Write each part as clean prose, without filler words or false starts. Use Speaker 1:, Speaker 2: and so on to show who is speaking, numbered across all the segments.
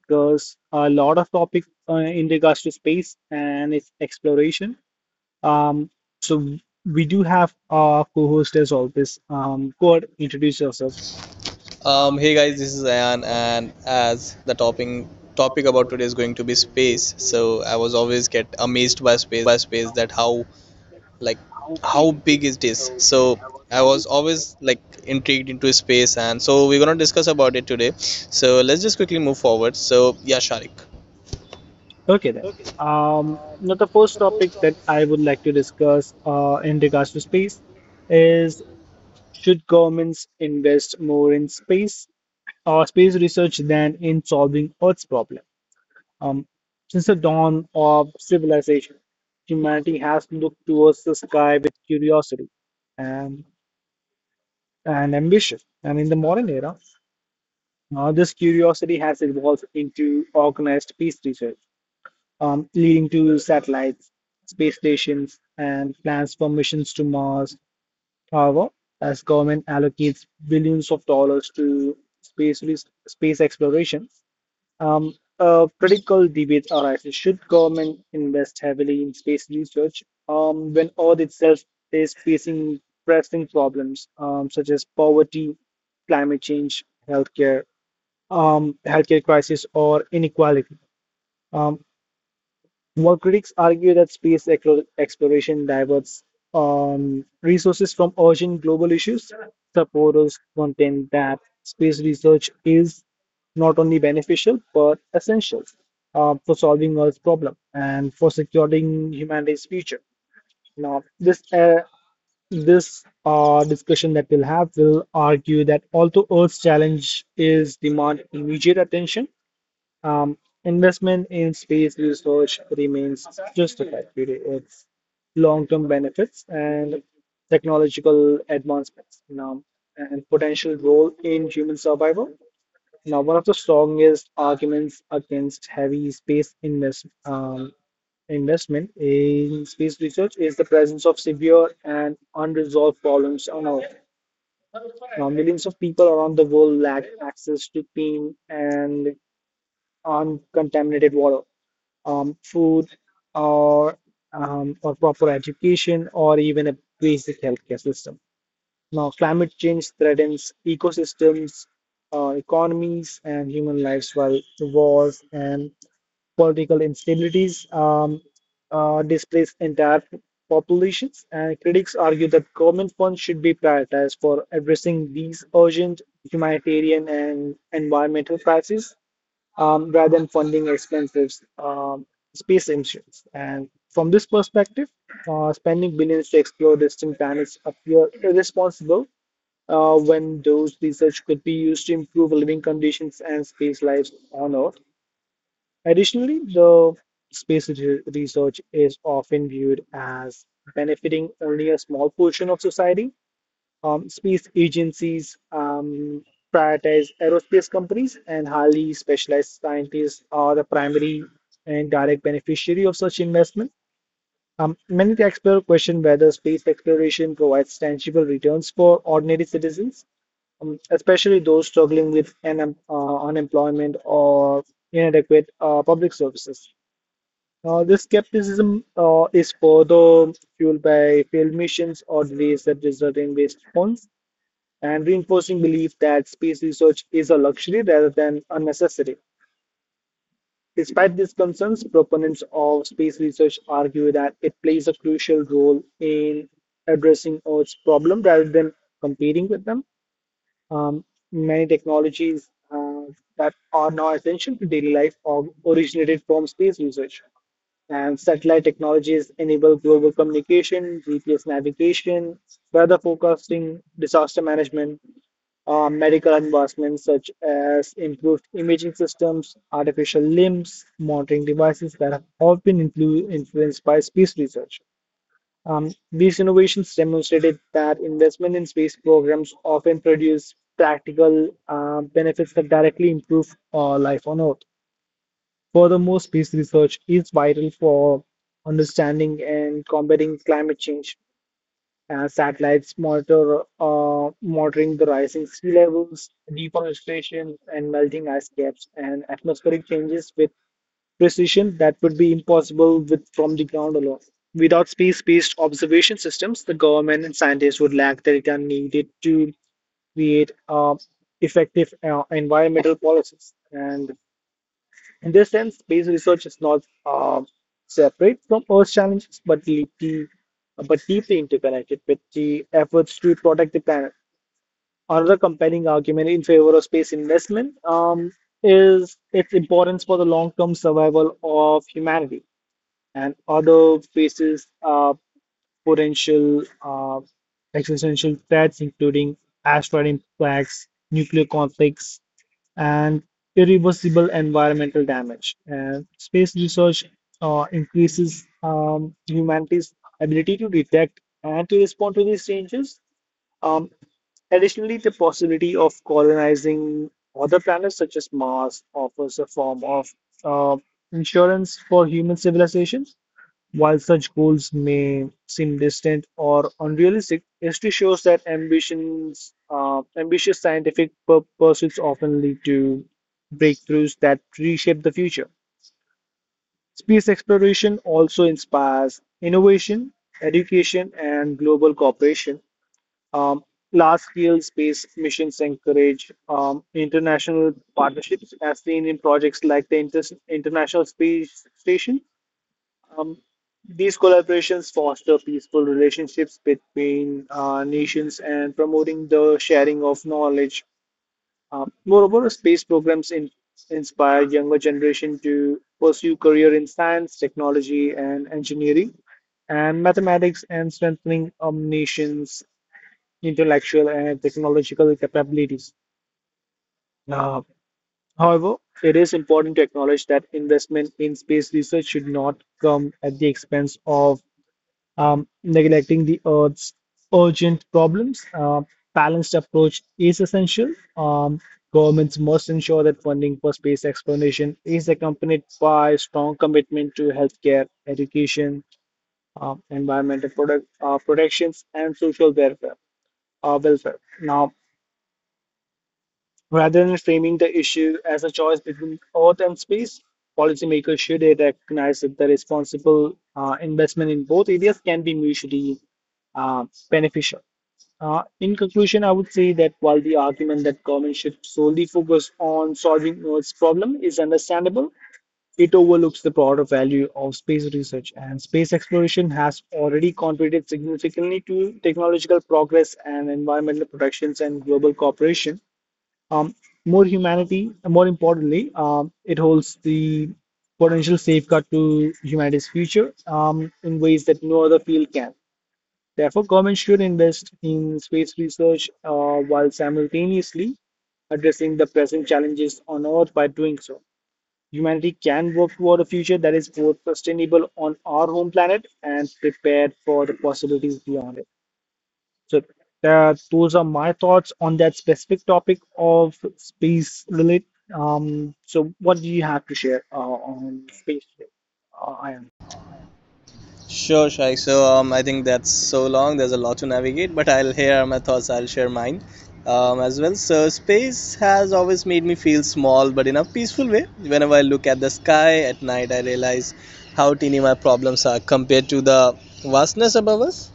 Speaker 1: discuss a lot of topics in regards to space and its exploration. Um, so, we do have our co-host as always. Go ahead, introduce yourself.
Speaker 2: Hey guys, this is Ayan, and as the topping topic about today is going to be space, so I was always get amazed by space that like how big it is. So I was always like intrigued into space, and so we're gonna discuss about it today. So let's just quickly move forward. So yeah, Sharik.
Speaker 1: Okay, then. Now, the first topic that I would like to discuss in regards to space is, should governments invest more in space or space research than in solving Earth's problem? Um, since the dawn of civilization, humanity has looked towards the sky with curiosity and, and ambition. And in the modern era, this curiosity has evolved into organized space research, leading to satellites, space stations, and plans for missions to Mars. However, as government allocates billions of dollars to space exploration, a critical debate arises. Should government invest heavily in space research when Earth itself is facing pressing problems such as poverty, climate change, healthcare, healthcare crisis, or inequality? Um, More critics argue that exploration diverts resources from urgent global issues. Supporters contend that space research is not only beneficial but essential for solving Earth's problem and for securing humanity's future. Now, this discussion that we'll have will argue that although Earth's challenge is demand immediate attention, um, investment in space research remains justified due to its long-term benefits and technological advancements, and potential role in human survival. Now, one of the strongest arguments against heavy space investment in space research is the presence of severe and unresolved problems on Earth. Now, millions of people around the world lack access to clean and on contaminated water, food, or or proper education, or even a basic healthcare system. Now, climate change threatens ecosystems, economies, and human lives, while wars and political instabilities displace entire populations. And critics argue that government funds should be prioritized for addressing these urgent humanitarian and environmental crises rather than funding expensive um, space missions. And from this perspective, spending billions to explore distant planets appear irresponsible when those research could be used to improve living conditions and space lives on Earth. Additionally, the research is often viewed as benefiting only a small portion of society. Space agencies prioritize aerospace companies, and highly specialized scientists are the primary and direct beneficiary of such investment. Many taxpayers question whether space exploration provides tangible returns for ordinary citizens, especially those struggling with un unemployment or inadequate public services. This skepticism is further fueled by failed missions or delays that result in waste funds and reinforcing belief that space research is a luxury rather than a necessity. Despite these concerns, proponents of space research argue that it plays a crucial role in addressing Earth's problem rather than competing with them. Um, Many technologies that are now essential to daily life are originated from space research. And satellite technologies enable global communication, GPS navigation, weather forecasting, disaster management, medical advancements such as improved imaging systems, artificial limbs, monitoring devices that have all been influenced by space research. These innovations demonstrated that investment in space programs often produce practical benefits that directly improve life on Earth. Furthermore, space research is vital for understanding and combating climate change. Satellites monitoring the rising sea levels, deforestation, and melting ice caps, and atmospheric changes with precision that would be impossible with from the ground alone. Without space-based observation systems, the government and scientists would lack the data needed to create effective environmental policies. And in this sense, space research is not separate from Earth challenges, but deeply interconnected with the efforts to protect the planet. Another compelling argument in favor of space investment is its importance for the long-term survival of humanity and other spaces. Potential existential threats, including asteroid impacts, nuclear conflicts, and irreversible environmental damage. And space research increases humanity's ability to detect and to respond to these changes. Um, Additionally, the possibility of colonizing other planets such as Mars offers a form of uh, insurance for human civilization. While such goals may seem distant or unrealistic, history shows that ambitious scientific pursuits often lead to breakthroughs that reshape the future. Space exploration also inspires innovation, education, and global cooperation. Um, Large-scale space missions encourage international partnerships, as seen in projects like the International Space Station. um, these collaborations foster peaceful relationships between nations and promoting the sharing of knowledge. Moreover, space programs inspire younger generation to pursue career in science, technology, and engineering, and mathematics, and strengthening a nation's intellectual and technological capabilities. Uh, However, it is important to acknowledge that investment in space research should not come at the expense of neglecting the Earth's urgent problems. Balanced approach is essential. Governments must ensure that funding for space exploration is accompanied by strong commitment to healthcare, education, environmental protections, and social welfare. Now, rather than framing the issue as a choice between earth and space, policymakers should recognize that the responsible investment in both areas can be mutually beneficial. In conclusion, I would say that while the argument that government should solely focus on solving Earth's problem is understandable, it overlooks the broader value of space research, and space exploration has already contributed significantly to technological progress and environmental protections and global cooperation. Um, More importantly, it holds the potential safeguard to humanity's future in ways that no other field can. Therefore, governments should invest in space research while simultaneously addressing the present challenges on Earth. By doing so, humanity can work toward a future that is both sustainable on our home planet and prepared for the possibilities beyond it. So that those are my thoughts on that specific topic of space, Lilith. So what do you have to share on space today? Ayan.
Speaker 2: Sure, Shai. So I think that's so long. There's a lot to navigate, but I'll hear my thoughts. I'll share mine as well. So space has always made me feel small, but in a peaceful way. Whenever I look at the sky at night, I realize how teeny my problems are compared to the vastness above us.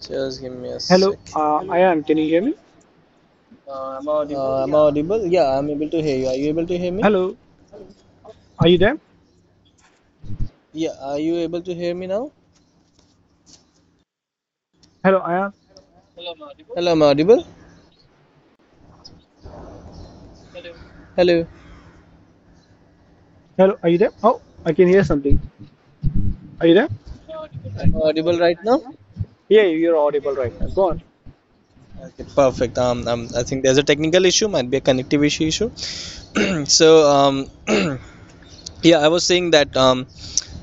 Speaker 2: Just give me a
Speaker 1: Hello,
Speaker 2: second. Hello.
Speaker 1: Ayan, can you hear me?
Speaker 2: Am I audible? Yeah, I'm able to hear you. Are you able to hear me?
Speaker 1: Hello, are you there?
Speaker 2: Yeah. Are you able to hear me now?
Speaker 1: Hello, Ayan.
Speaker 2: Hello, am I audible? Hello.
Speaker 1: Hello, are you there? Oh, I can hear something. Are you there?
Speaker 2: Am I audible right now?
Speaker 1: Yeah,
Speaker 2: Okay, perfect. I think there's a technical issue, might be a connectivity issue. So, yeah, I was saying that,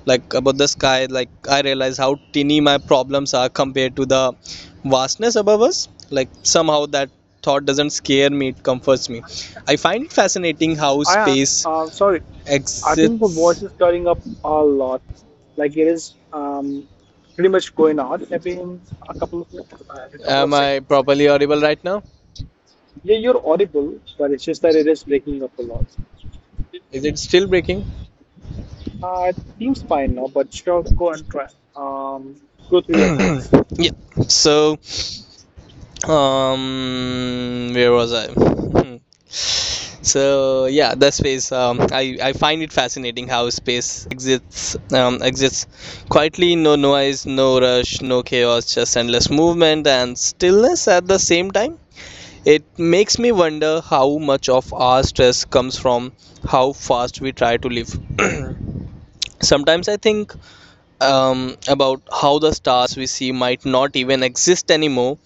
Speaker 2: like about the sky, like I realize how tiny my problems are compared to the vastness above us. Like somehow that thought doesn't scare me; it comforts me. I find it fascinating how
Speaker 1: Ayan.
Speaker 2: space
Speaker 1: Sorry, I think the
Speaker 2: exits.
Speaker 1: voice is cutting up a lot. Like it is pretty much going out every a couple of minutes, a couple of
Speaker 2: Am I
Speaker 1: seconds.
Speaker 2: properly audible right now?
Speaker 1: Yeah, you're audible, but it's just that it is breaking up a lot.
Speaker 2: Is it still breaking?
Speaker 1: It seems fine now, but sure, go and try. Um, Go through your thoughts.
Speaker 2: Yeah. So. Where was I? So yeah, the space, I find it fascinating how space exists, exists quietly, no noise, no rush, no chaos, just endless movement and stillness at the same time. It makes me wonder how much of our stress comes from how fast we try to live. Sometimes I think about how the stars we see might not even exist anymore.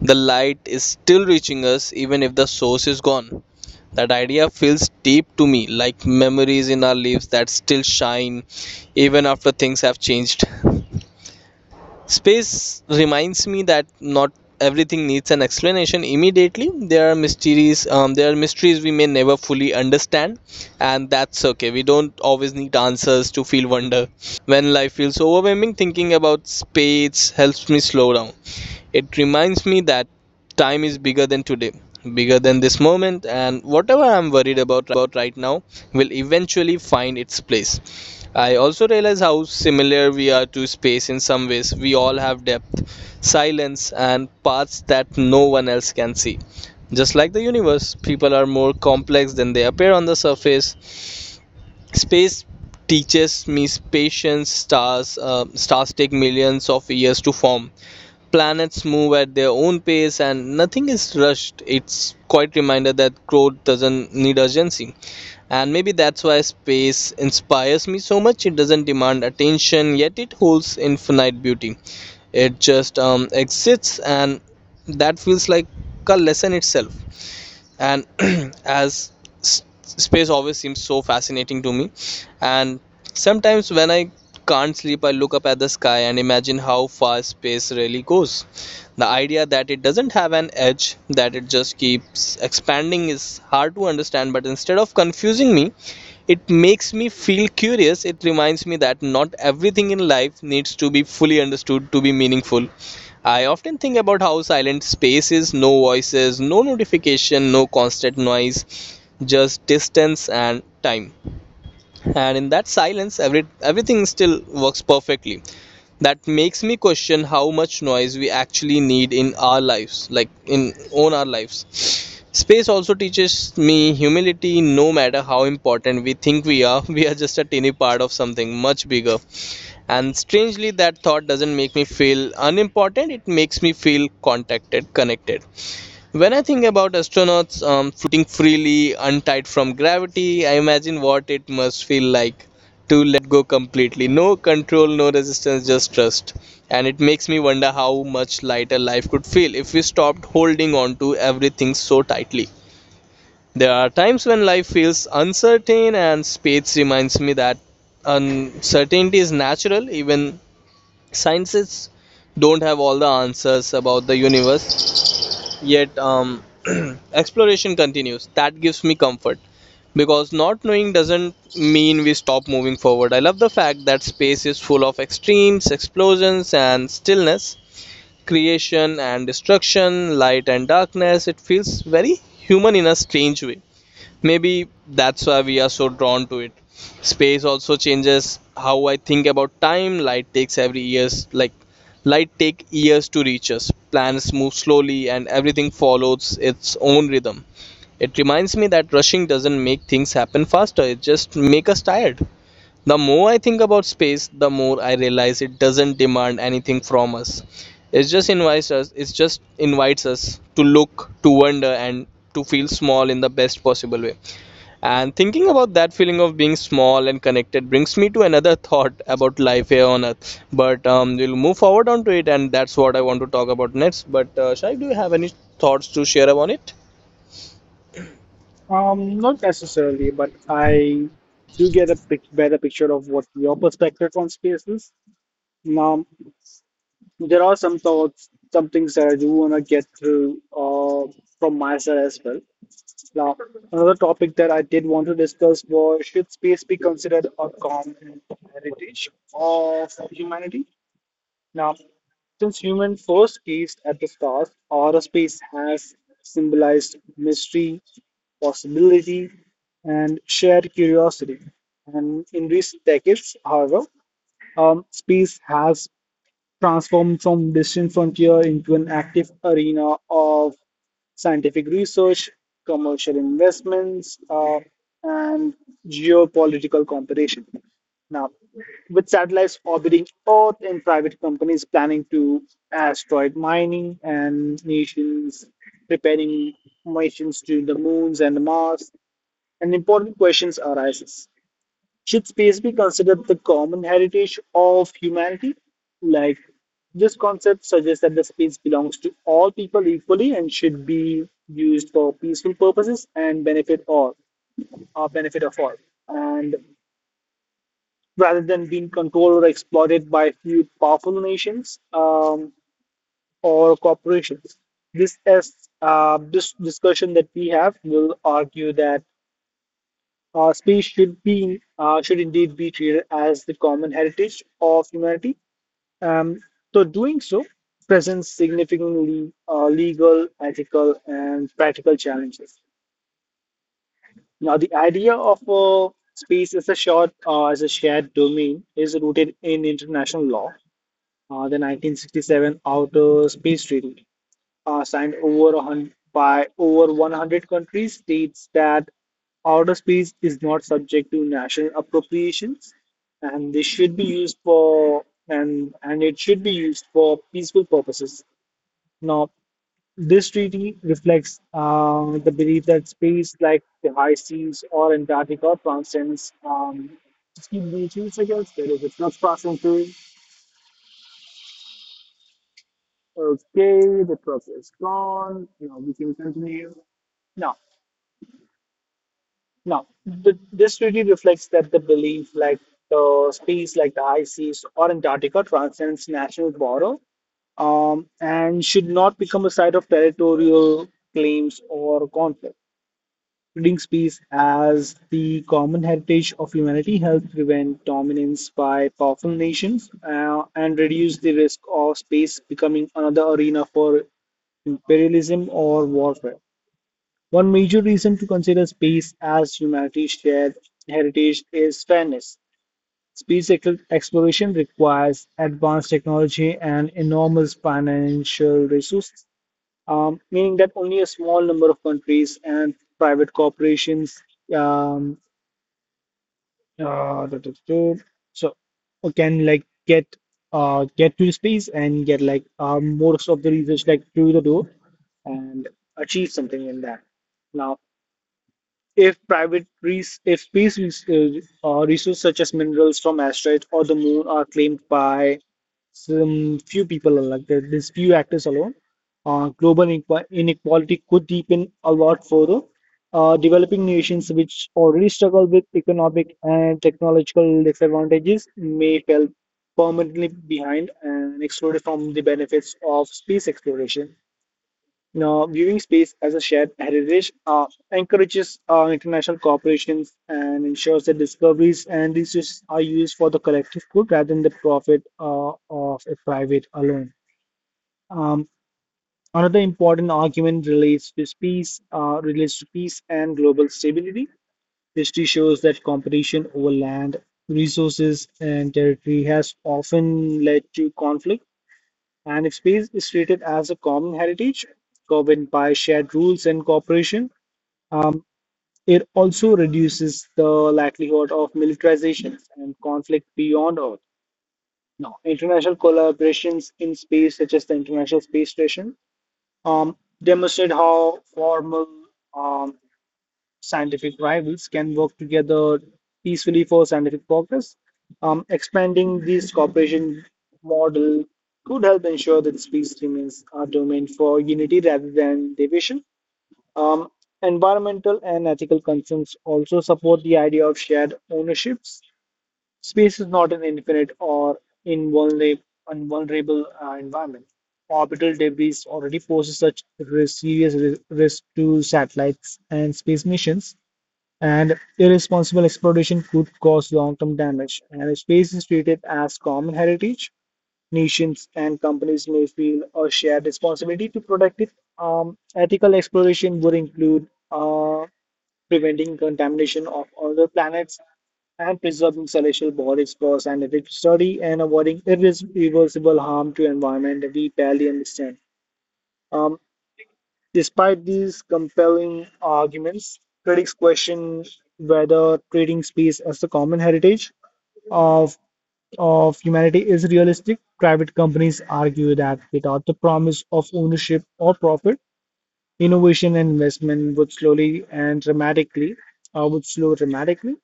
Speaker 2: The light is still reaching us even if the source is gone. That idea feels deep to me, like memories in our lives that still shine even after things have changed. Space reminds me that not everything needs an explanation immediately. There are mysteries we may never fully understand, and that's okay. We don't always need answers to feel wonder. When life feels overwhelming, thinking about space helps me slow down. It reminds me that time is bigger than today, bigger than this moment, and whatever I'm worried about right now will eventually find its place. I also realize how similar we are to space in some ways. We all have depth, silence, and paths that no one else can see. Just like the universe, people are more complex than they appear on the surface. Space teaches me patience. Stars take millions of years to form. Planets move at their own pace, and nothing is rushed. It's quite reminder that growth doesn't need urgency. And maybe that's why space inspires me so much. It doesn't demand attention, yet it holds infinite beauty. It just exists, and that feels like a lesson itself. And as space always seems so fascinating to me. And sometimes when I can't sleep, I look up at the sky and imagine how far space really goes. The idea that it doesn't have an edge, that it just keeps expanding, is hard to understand, but instead of confusing me, it makes me feel curious. It reminds me that not everything in life needs to be fully understood to be meaningful. I often think about how silent space is: no voices, no notification, no constant noise, just distance and time. And in that silence, everything still works perfectly. That makes me question how much noise we actually need in our lives, like in own our lives. Space also teaches me humility. No matter how important we think we are, we are just a tiny part of something much bigger, and strangely that thought doesn't make me feel unimportant. It makes me feel contacted connected. When I think about astronauts floating freely, untied from gravity, I imagine what it must feel like to let go completely. No control, no resistance, just trust. And it makes me wonder how much lighter life could feel if we stopped holding on to everything so tightly. There are times when life feels uncertain, and space reminds me that uncertainty is natural. Even scientists don't have all the answers about the universe yet. Exploration continues. That gives me comfort because not knowing doesn't mean we stop moving forward. I love the fact that space is full of extremes: explosions and stillness, creation and destruction, light and darkness. It feels very human in a strange way. Maybe that's why we are so drawn to it. Space also changes how I think about time. Light take years to reach us. Planets move slowly, and everything follows its own rhythm. It reminds me that rushing doesn't make things happen faster, it just make us tired. The more I think about space, the more I realize it doesn't demand anything from us. It just invites us to look, to wonder, and to feel small in the best possible way. And thinking about that feeling of being small and connected brings me to another thought about life here on Earth. But we'll move forward onto it, and that's what I want to talk about next. But Shai, do you have any thoughts to share about it?
Speaker 1: Not necessarily, but I do get a pic better picture of what your perspective on space is. Now, there are some thoughts, some things that I do want to get through from my side as well. Now, another topic that I did want to discuss was, should space be considered a common heritage of humanity? Now, since human first gazed at the stars, outer space has symbolized mystery, possibility, and shared curiosity. And in recent decades, however, space has transformed from distant frontier into an active arena of scientific research, commercial investments, and geopolitical competition. Now, with satellites orbiting Earth and private companies planning to asteroid mining and nations preparing missions to the moons and Mars, an important questions arises. Should space be considered the common heritage of humanity? Like, this concept suggests that the space belongs to all people equally and should be used for peaceful purposes and benefit all, or benefit of all. And rather than being controlled or exploited by few powerful nations or corporations. This is this discussion that we have will argue that speech should indeed be treated as the common heritage of humanity. Um, so doing so presents significantly legal, ethical, and practical challenges. Now, the idea of a space as a shared domain is rooted in international law, the 1967 Outer Space Treaty, signed over by over 100 countries, states that outer space is not subject to national appropriations, and this should be used for and it should be used for peaceful purposes. Now, this treaty reflects the belief that space, like the high seas or Antarctica, transcends just keep reaching seconds. There is a flux passing through. Okay, the truck is gone. Now we can continue. Now, now, this treaty reflects that the belief like the space like the high seas or Antarctica transcends national border and should not become a site of territorial claims or conflict. Reading space as the common heritage of humanity helped prevent dominance by powerful nations and reduce the risk of space becoming another arena for imperialism or warfare. One major reason to consider space as humanity's shared heritage is fairness. Space exploration requires advanced technology and enormous financial resources meaning that only a small number of countries and private corporations um, uh, duh, duh, duh, duh, so can like get to space and get like most of the research like through the door and achieve something in that. Now. If private res if space res resources such as minerals from asteroids or the moon are claimed by some few people like that, these few actors alone, global inequality could deepen a lot further. Developing nations which already struggle with economic and technological disadvantages may fall permanently behind and excluded from the benefits of space exploration. Now, viewing space as a shared heritage encourages international cooperations and ensures that discoveries and resources are used for the collective good rather than the profit of a private alone. Um, another important argument relates to peace, and global stability. History shows that competition over land, resources, and territory has often led to conflict, and if space is treated as a common heritage, governed by shared rules and cooperation, um, it also reduces the likelihood of militarizations and conflict beyond Earth. Now, international collaborations in space, such as the International Space Station, um, demonstrate how formal um, scientific rivals can work together peacefully for scientific progress. Expanding this cooperation model could help ensure that space remains a domain for unity rather than division. Um, environmental and ethical concerns also support the idea of shared ownerships. Space is not an infinite or invulnerable, invulnerable environment. Orbital debris already poses such risk, serious risk to satellites and space missions, and irresponsible exploitation could cause long-term damage. And space is treated as common heritage, nations and companies may feel a shared responsibility to protect it. Ethical exploration would include preventing contamination of other planets and preserving celestial bodies for scientific study and avoiding irreversible harm to environment we barely understand. Um, despite these compelling arguments, critics question whether treating space as the common heritage of of humanity is realistic. Private companies argue that without the promise of ownership or profit, innovation and investment would slow dramatically.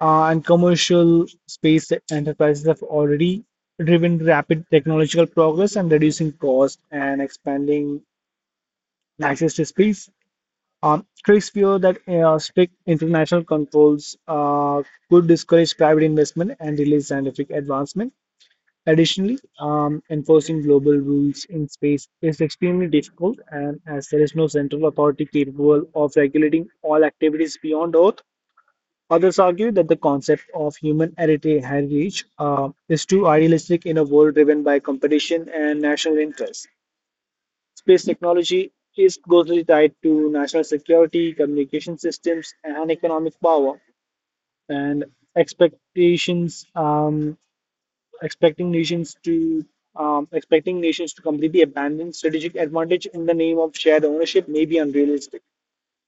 Speaker 1: And commercial space enterprises have already driven rapid technological progress and reducing cost and expanding access to space. Critics fear that strict international controls could discourage private investment and delay scientific advancement. Additionally, enforcing global rules in space is extremely difficult, and as there is no central authority capable of regulating all activities beyond Earth, others argue that the concept of human heritage is too idealistic in a world driven by competition and national interests. Space technology is closely tied to national security, communication systems, and economic power. And expectations, um, expecting nations to completely abandon strategic advantage in the name of shared ownership may be unrealistic.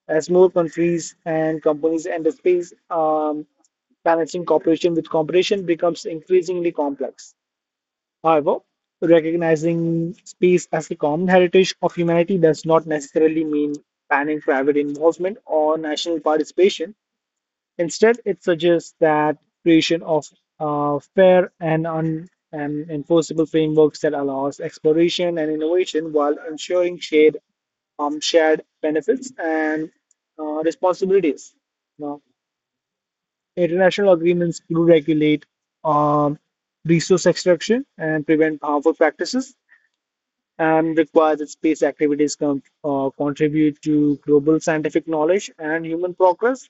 Speaker 1: As more countries and companies enter space, balancing cooperation with competition becomes increasingly complex. However, recognizing space as a common heritage of humanity does not necessarily mean banning private involvement or national participation. Instead, it suggests that creation of fair and un and enforceable frameworks that allows exploration and innovation while ensuring shared benefits and responsibilities. Now, international agreements do regulate um, resource extraction and prevent harmful practices, and require that space activities contribute to global scientific knowledge and human progress.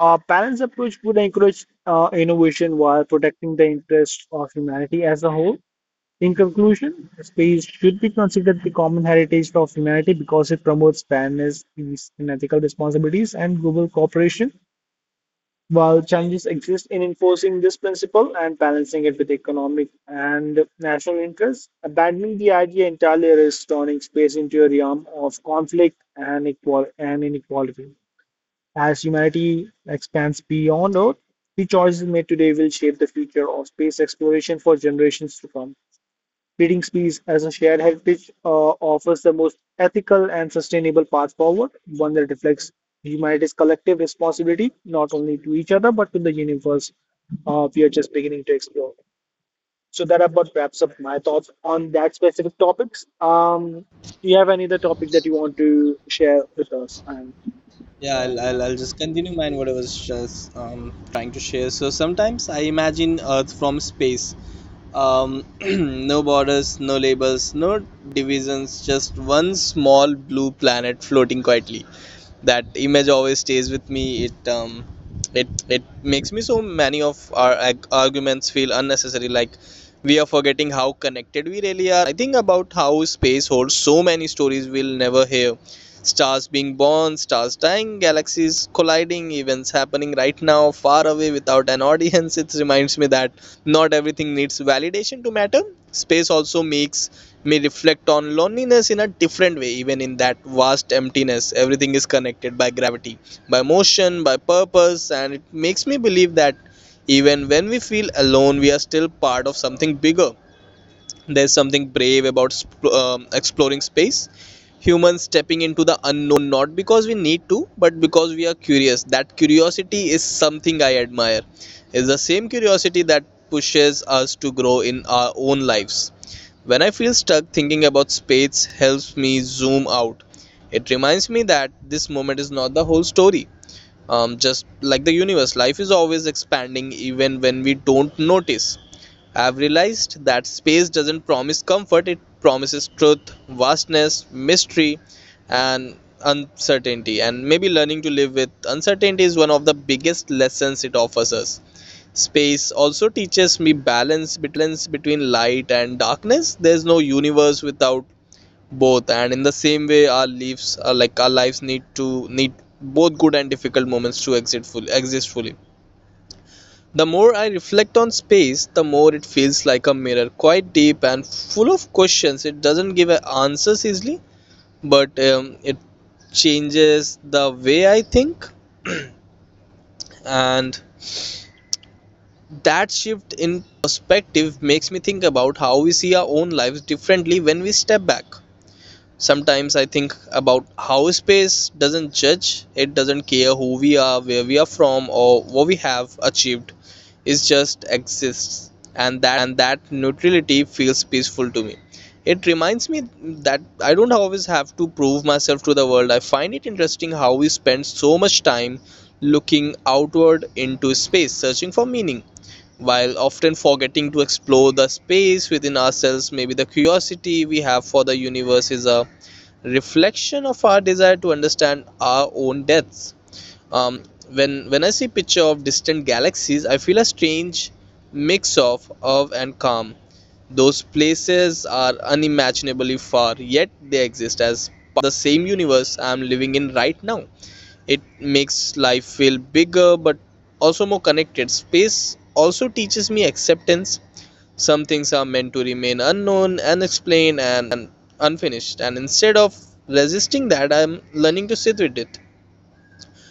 Speaker 1: Our balanced approach would encourage innovation while protecting the interests of humanity as a whole. In conclusion, space should be considered the common heritage of humanity because it promotes fairness, peace, and ethical responsibilities and global cooperation. While challenges exist in enforcing this principle and balancing it with economic and national interests, abandoning the idea entirely risks turning space into a realm of conflict and inequality. As humanity expands beyond Earth, the choices made today will shape the future of space exploration for generations to come. Breeding species as a shared heritage offers the most ethical and sustainable path forward, one that reflects humanity's collective responsibility, not only to each other, but to the universe we are just beginning to explore. So that about wraps up my thoughts on that specific topics. Do you have any other topic that you want to share with us? And
Speaker 2: Yeah, I'll just continue mine what I was just trying to share. So sometimes I imagine Earth from space. No borders, no labels, no divisions, just one small blue planet floating quietly. That image always stays with me. It makes me so many of our arguments feel unnecessary, like we are forgetting how connected we really are. And I think about how space holds so many stories we'll never hear: stars being born, stars dying, galaxies colliding, events happening right now far away without an audience. It reminds me that not everything needs validation to matter. Space also makes me reflect on loneliness in a different way. Even in that vast emptiness, everything is connected by gravity, by motion, by purpose, and it makes me believe that even when we feel alone, we are still part of something bigger. There's something brave about exploring space. Humans stepping into the unknown not because we need to, but because we are curious. That curiosity is something I admire. It's the same curiosity that pushes us to grow in our own lives. When I feel stuck, thinking about space helps me zoom out. It reminds me that this moment is not the whole story. Just like the universe, life is always expanding even when we don't notice. I've realized that space doesn't promise comfort, it promises truth, vastness, mystery, and uncertainty. And maybe learning to live with uncertainty is one of the biggest lessons it offers us. Space also teaches me balance between light and darkness. There's no universe without both, and in the same way, like our lives, need both good and difficult moments to exist fully. The more I reflect on space, the more it feels like a mirror, quite deep and full of questions. It doesn't give answers easily, but it changes the way I think. And that shift in perspective makes me think about how we see our own lives differently when we step back. Sometimes I think about how space doesn't judge, it doesn't care who we are, where we are from, or what we have achieved. Is just exists, and that neutrality feels peaceful to me. It reminds me that I don't always have to prove myself to the world. I find it interesting how we spend so much time looking outward into space, searching for meaning, while often forgetting to explore the space within ourselves. Maybe the curiosity we have for the universe is a reflection of our desire to understand our own depths. Um, when when I see picture of distant galaxies, I feel a strange mix of awe and calm. Those places are unimaginably far, yet they exist as part of the same universe I'm living in right now. It makes life feel bigger but also more connected. Space also teaches me acceptance. Some things are meant to remain unknown, unexplained, and unfinished. And instead of resisting that, I'm learning to sit with it.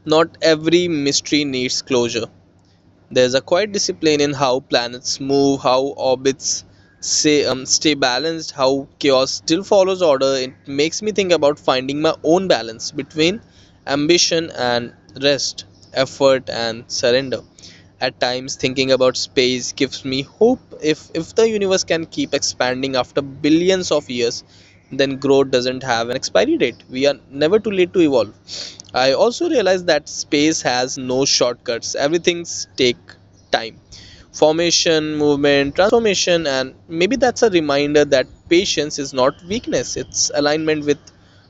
Speaker 2: Not every mystery needs closure. There's a quiet discipline in how planets move, how orbits stay balanced, how chaos still follows order. It makes me think about finding my own balance between ambition and rest, effort and surrender. At times, thinking about space gives me hope. If the universe can keep expanding after billions of years, then growth doesn't have an expiry date. We are never too late to evolve. I also realized that space has no shortcuts. Everything's take time. Formation, movement, transformation, and maybe that's a reminder that patience is not weakness. It's alignment with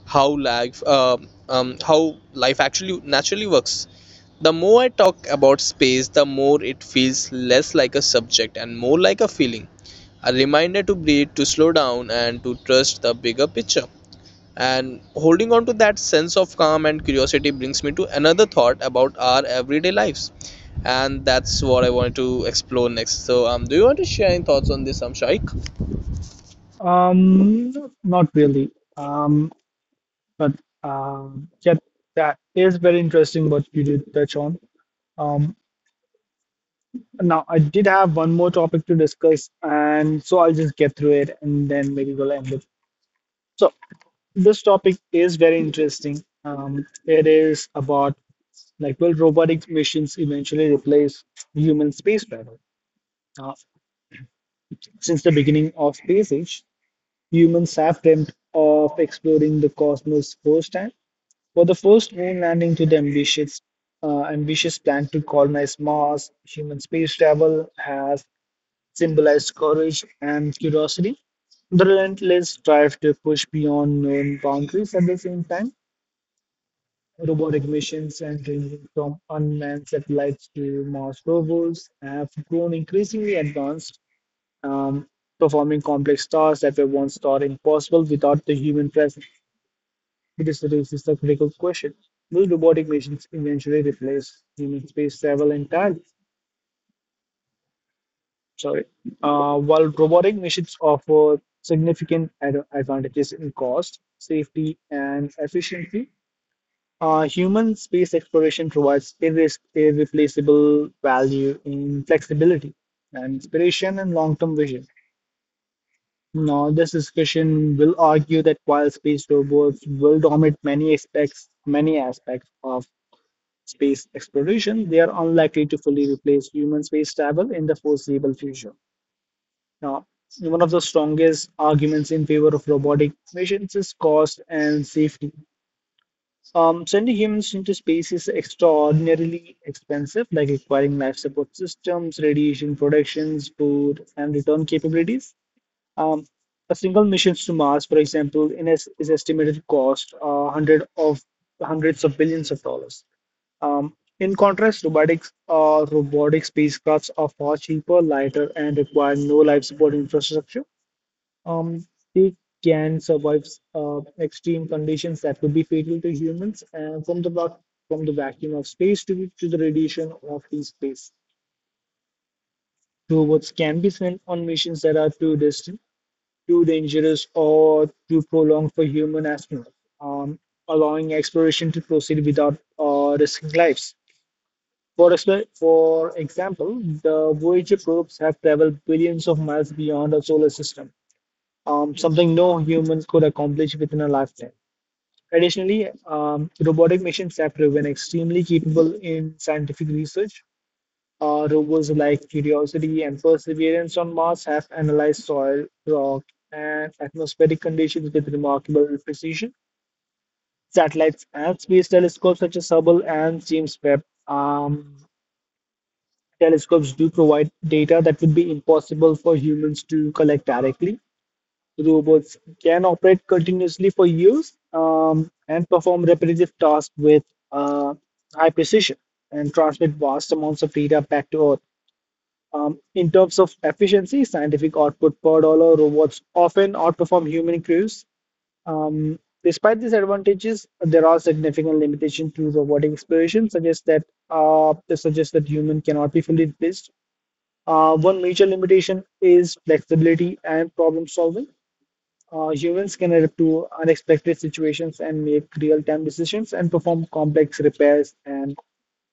Speaker 2: how life actually naturally works. The more I talk about space, the more it feels less like a subject and more like a feeling. A reminder to breathe, to slow down, and to trust the bigger picture. And holding on to that sense of calm and curiosity brings me to another thought about our everyday lives. And that's what I wanted to explore next. So, do you want to share any thoughts on this, Amshik?
Speaker 1: um, not really. Um, but yeah, that is very interesting what you did touch on. Um, Now, I did have one more topic to discuss, and so I'll just get through it and then maybe we'll end it. So, this topic is very interesting. It is about like, will robotic missions eventually replace human space travel? Since the beginning of space age, humans have dreamt of exploring the cosmos firsthand. For the first moon landing to the ambitious plan to colonize Mars, human space travel has symbolize courage and curiosity, the relentless drive to push beyond known boundaries. At the same time, robotic missions and ranging from unmanned satellites to Mars rovers have grown increasingly advanced, um, performing complex tasks that were once thought impossible without the human presence. It is raises the critical question: will robotic missions eventually replace human space travel entirely? Sorry. While robotic machines offer significant advantages in cost, safety, and efficiency, human space exploration provides irreplaceable value in flexibility and inspiration and long-term vision. Now, this discussion will argue that while space robots will dominate many aspects of space exploration, they are unlikely to fully replace human space travel in the foreseeable future. Now, one of the strongest arguments in favor of robotic missions is cost and safety. Sending humans into space is extraordinarily expensive, like requiring life support systems, radiation protections, food, and return capabilities. Um, a single mission to Mars, for example, is estimated to cost hundreds of billions of dollars. In contrast, robotic spacecrafts are far cheaper, lighter, and require no life support infrastructure. Um, they can survive extreme conditions that could be fatal to humans, and from the vacuum of space to the radiation of the space. Robots can be sent on missions that are too distant, too dangerous, or too prolonged for human astronauts, um, allowing exploration to proceed without risking lives. For example, the Voyager probes have traveled billions of miles beyond our solar system, something no human could accomplish within a lifetime. Additionally, robotic missions have proven extremely capable in scientific research. Robots like Curiosity and Perseverance on Mars have analyzed soil, rock, and atmospheric conditions with remarkable precision. Satellites and space telescopes such as Hubble and James Webb telescopes do provide data that would be impossible for humans to collect directly. Robots can operate continuously for years and perform repetitive tasks with uh, high precision and transmit vast amounts of data back to Earth. In terms of efficiency, scientific output per dollar, robots often outperform human crews. Despite these advantages, there are significant limitations to robotic exploration, suggest that human cannot be fully replaced. One major limitation is flexibility and problem solving. Humans can adapt to unexpected situations and make real-time decisions and perform complex repairs and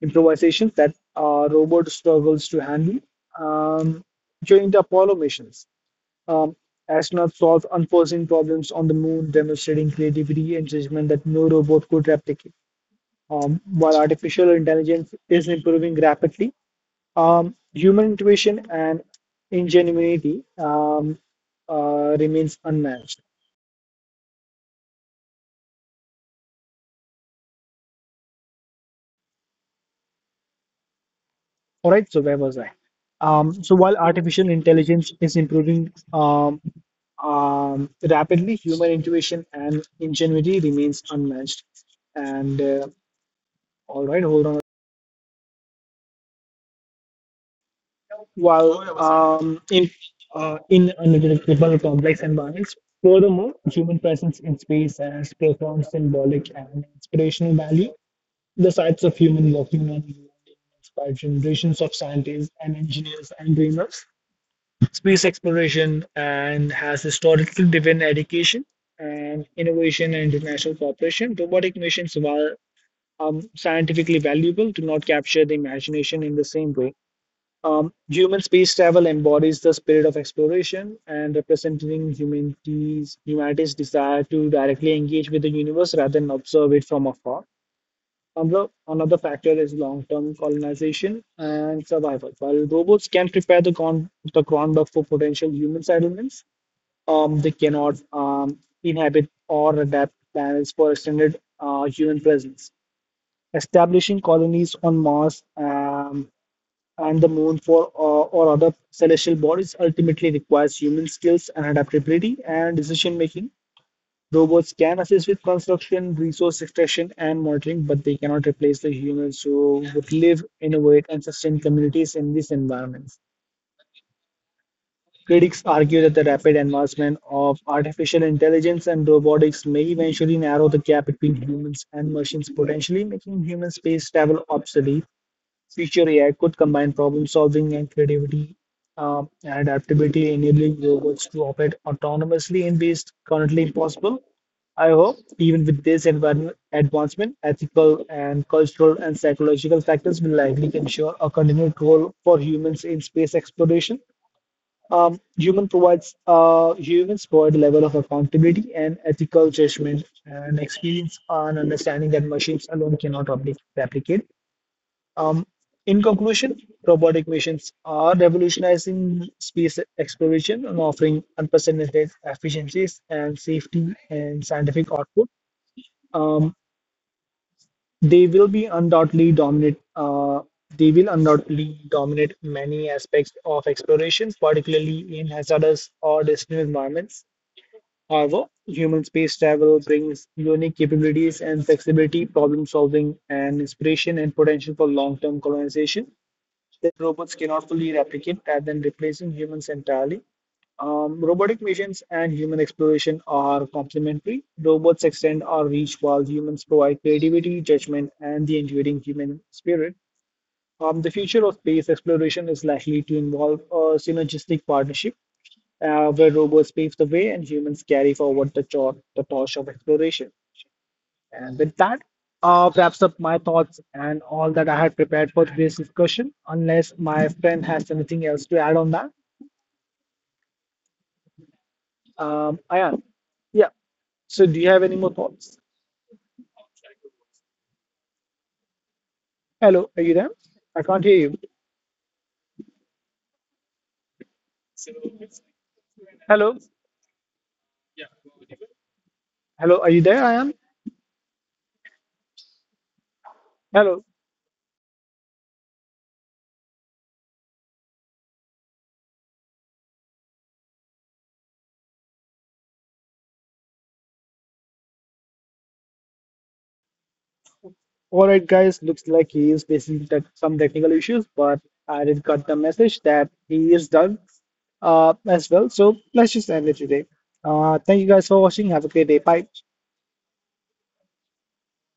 Speaker 1: improvisations that a robot struggles to handle. Um, during the Apollo missions, um, astronauts solved unforeseen problems on the moon, demonstrating creativity and judgment that no robot could replicate. While artificial intelligence is improving rapidly, human intuition and ingenuity remains unmatched. All right, so where was I? So while artificial intelligence is improving rapidly, human intuition and ingenuity remains unmatched. And All right, hold on. While in unpredictable complex environments, furthermore, human presence in space has profound symbolic and inspirational value. The sights of human working on inspired generations of scientists and engineers and dreamers space exploration and has historically driven education and innovation and international cooperation. Robotic missions, while scientifically valuable, do not capture the imagination in the same way. Human space travel embodies the spirit of exploration and representing humanity's desire to directly engage with the universe rather than observe it from afar. Another factor is long-term colonization and survival. While robots can prepare the groundwork for potential human settlements, they cannot inhabit or adapt planets for extended human presence. Establishing colonies on Mars and the Moon for or other celestial bodies ultimately requires human skills and adaptability and decision-making. Robots can assist with construction, resource extraction, and monitoring, but they cannot replace the humans who would live, innovate, and sustain communities in these environments. Critics argue that the rapid advancement of artificial intelligence and robotics may eventually narrow the gap between humans and machines, potentially making human space travel obsolete. Future AI could combine problem solving and creativity and adaptability, enabling robots to operate autonomously in ways currently impossible. I hope, even with this environment advancement, ethical and cultural and psychological factors will likely ensure a continued role for humans in space exploration. Humans provide a level of accountability and ethical judgment and experience and understanding that machines alone cannot replicate. Um, in conclusion, robotic missions are revolutionizing space exploration and offering unprecedented efficiencies and safety and scientific output. Um, they will be undoubtedly dominate. They will undoubtedly dominate many aspects of explorations, particularly in hazardous or distant environments. However, human space travel brings unique capabilities and flexibility, problem solving, and inspiration and potential for long term colonization that robots cannot fully replicate rather than replacing humans entirely. Robotic missions and human exploration are complementary. Robots extend our reach while humans provide creativity, judgment, and the enduring human spirit. The future of space exploration is likely to involve a synergistic partnership where robots pave the way and humans carry forward the torch of exploration. And with that, wraps up my thoughts and all that I had prepared for today's discussion, unless my friend has anything else to add on that. Ayan, yeah. So, do you have any more thoughts? Hello, are you there? I can't hear you. Hello, hello, are you there? Ayan, hello. All right, guys, looks like he is facing tech some technical issues, but I did got the message that he is done as well. So let's just end it today. Thank you guys for watching. Have a great day. Bye.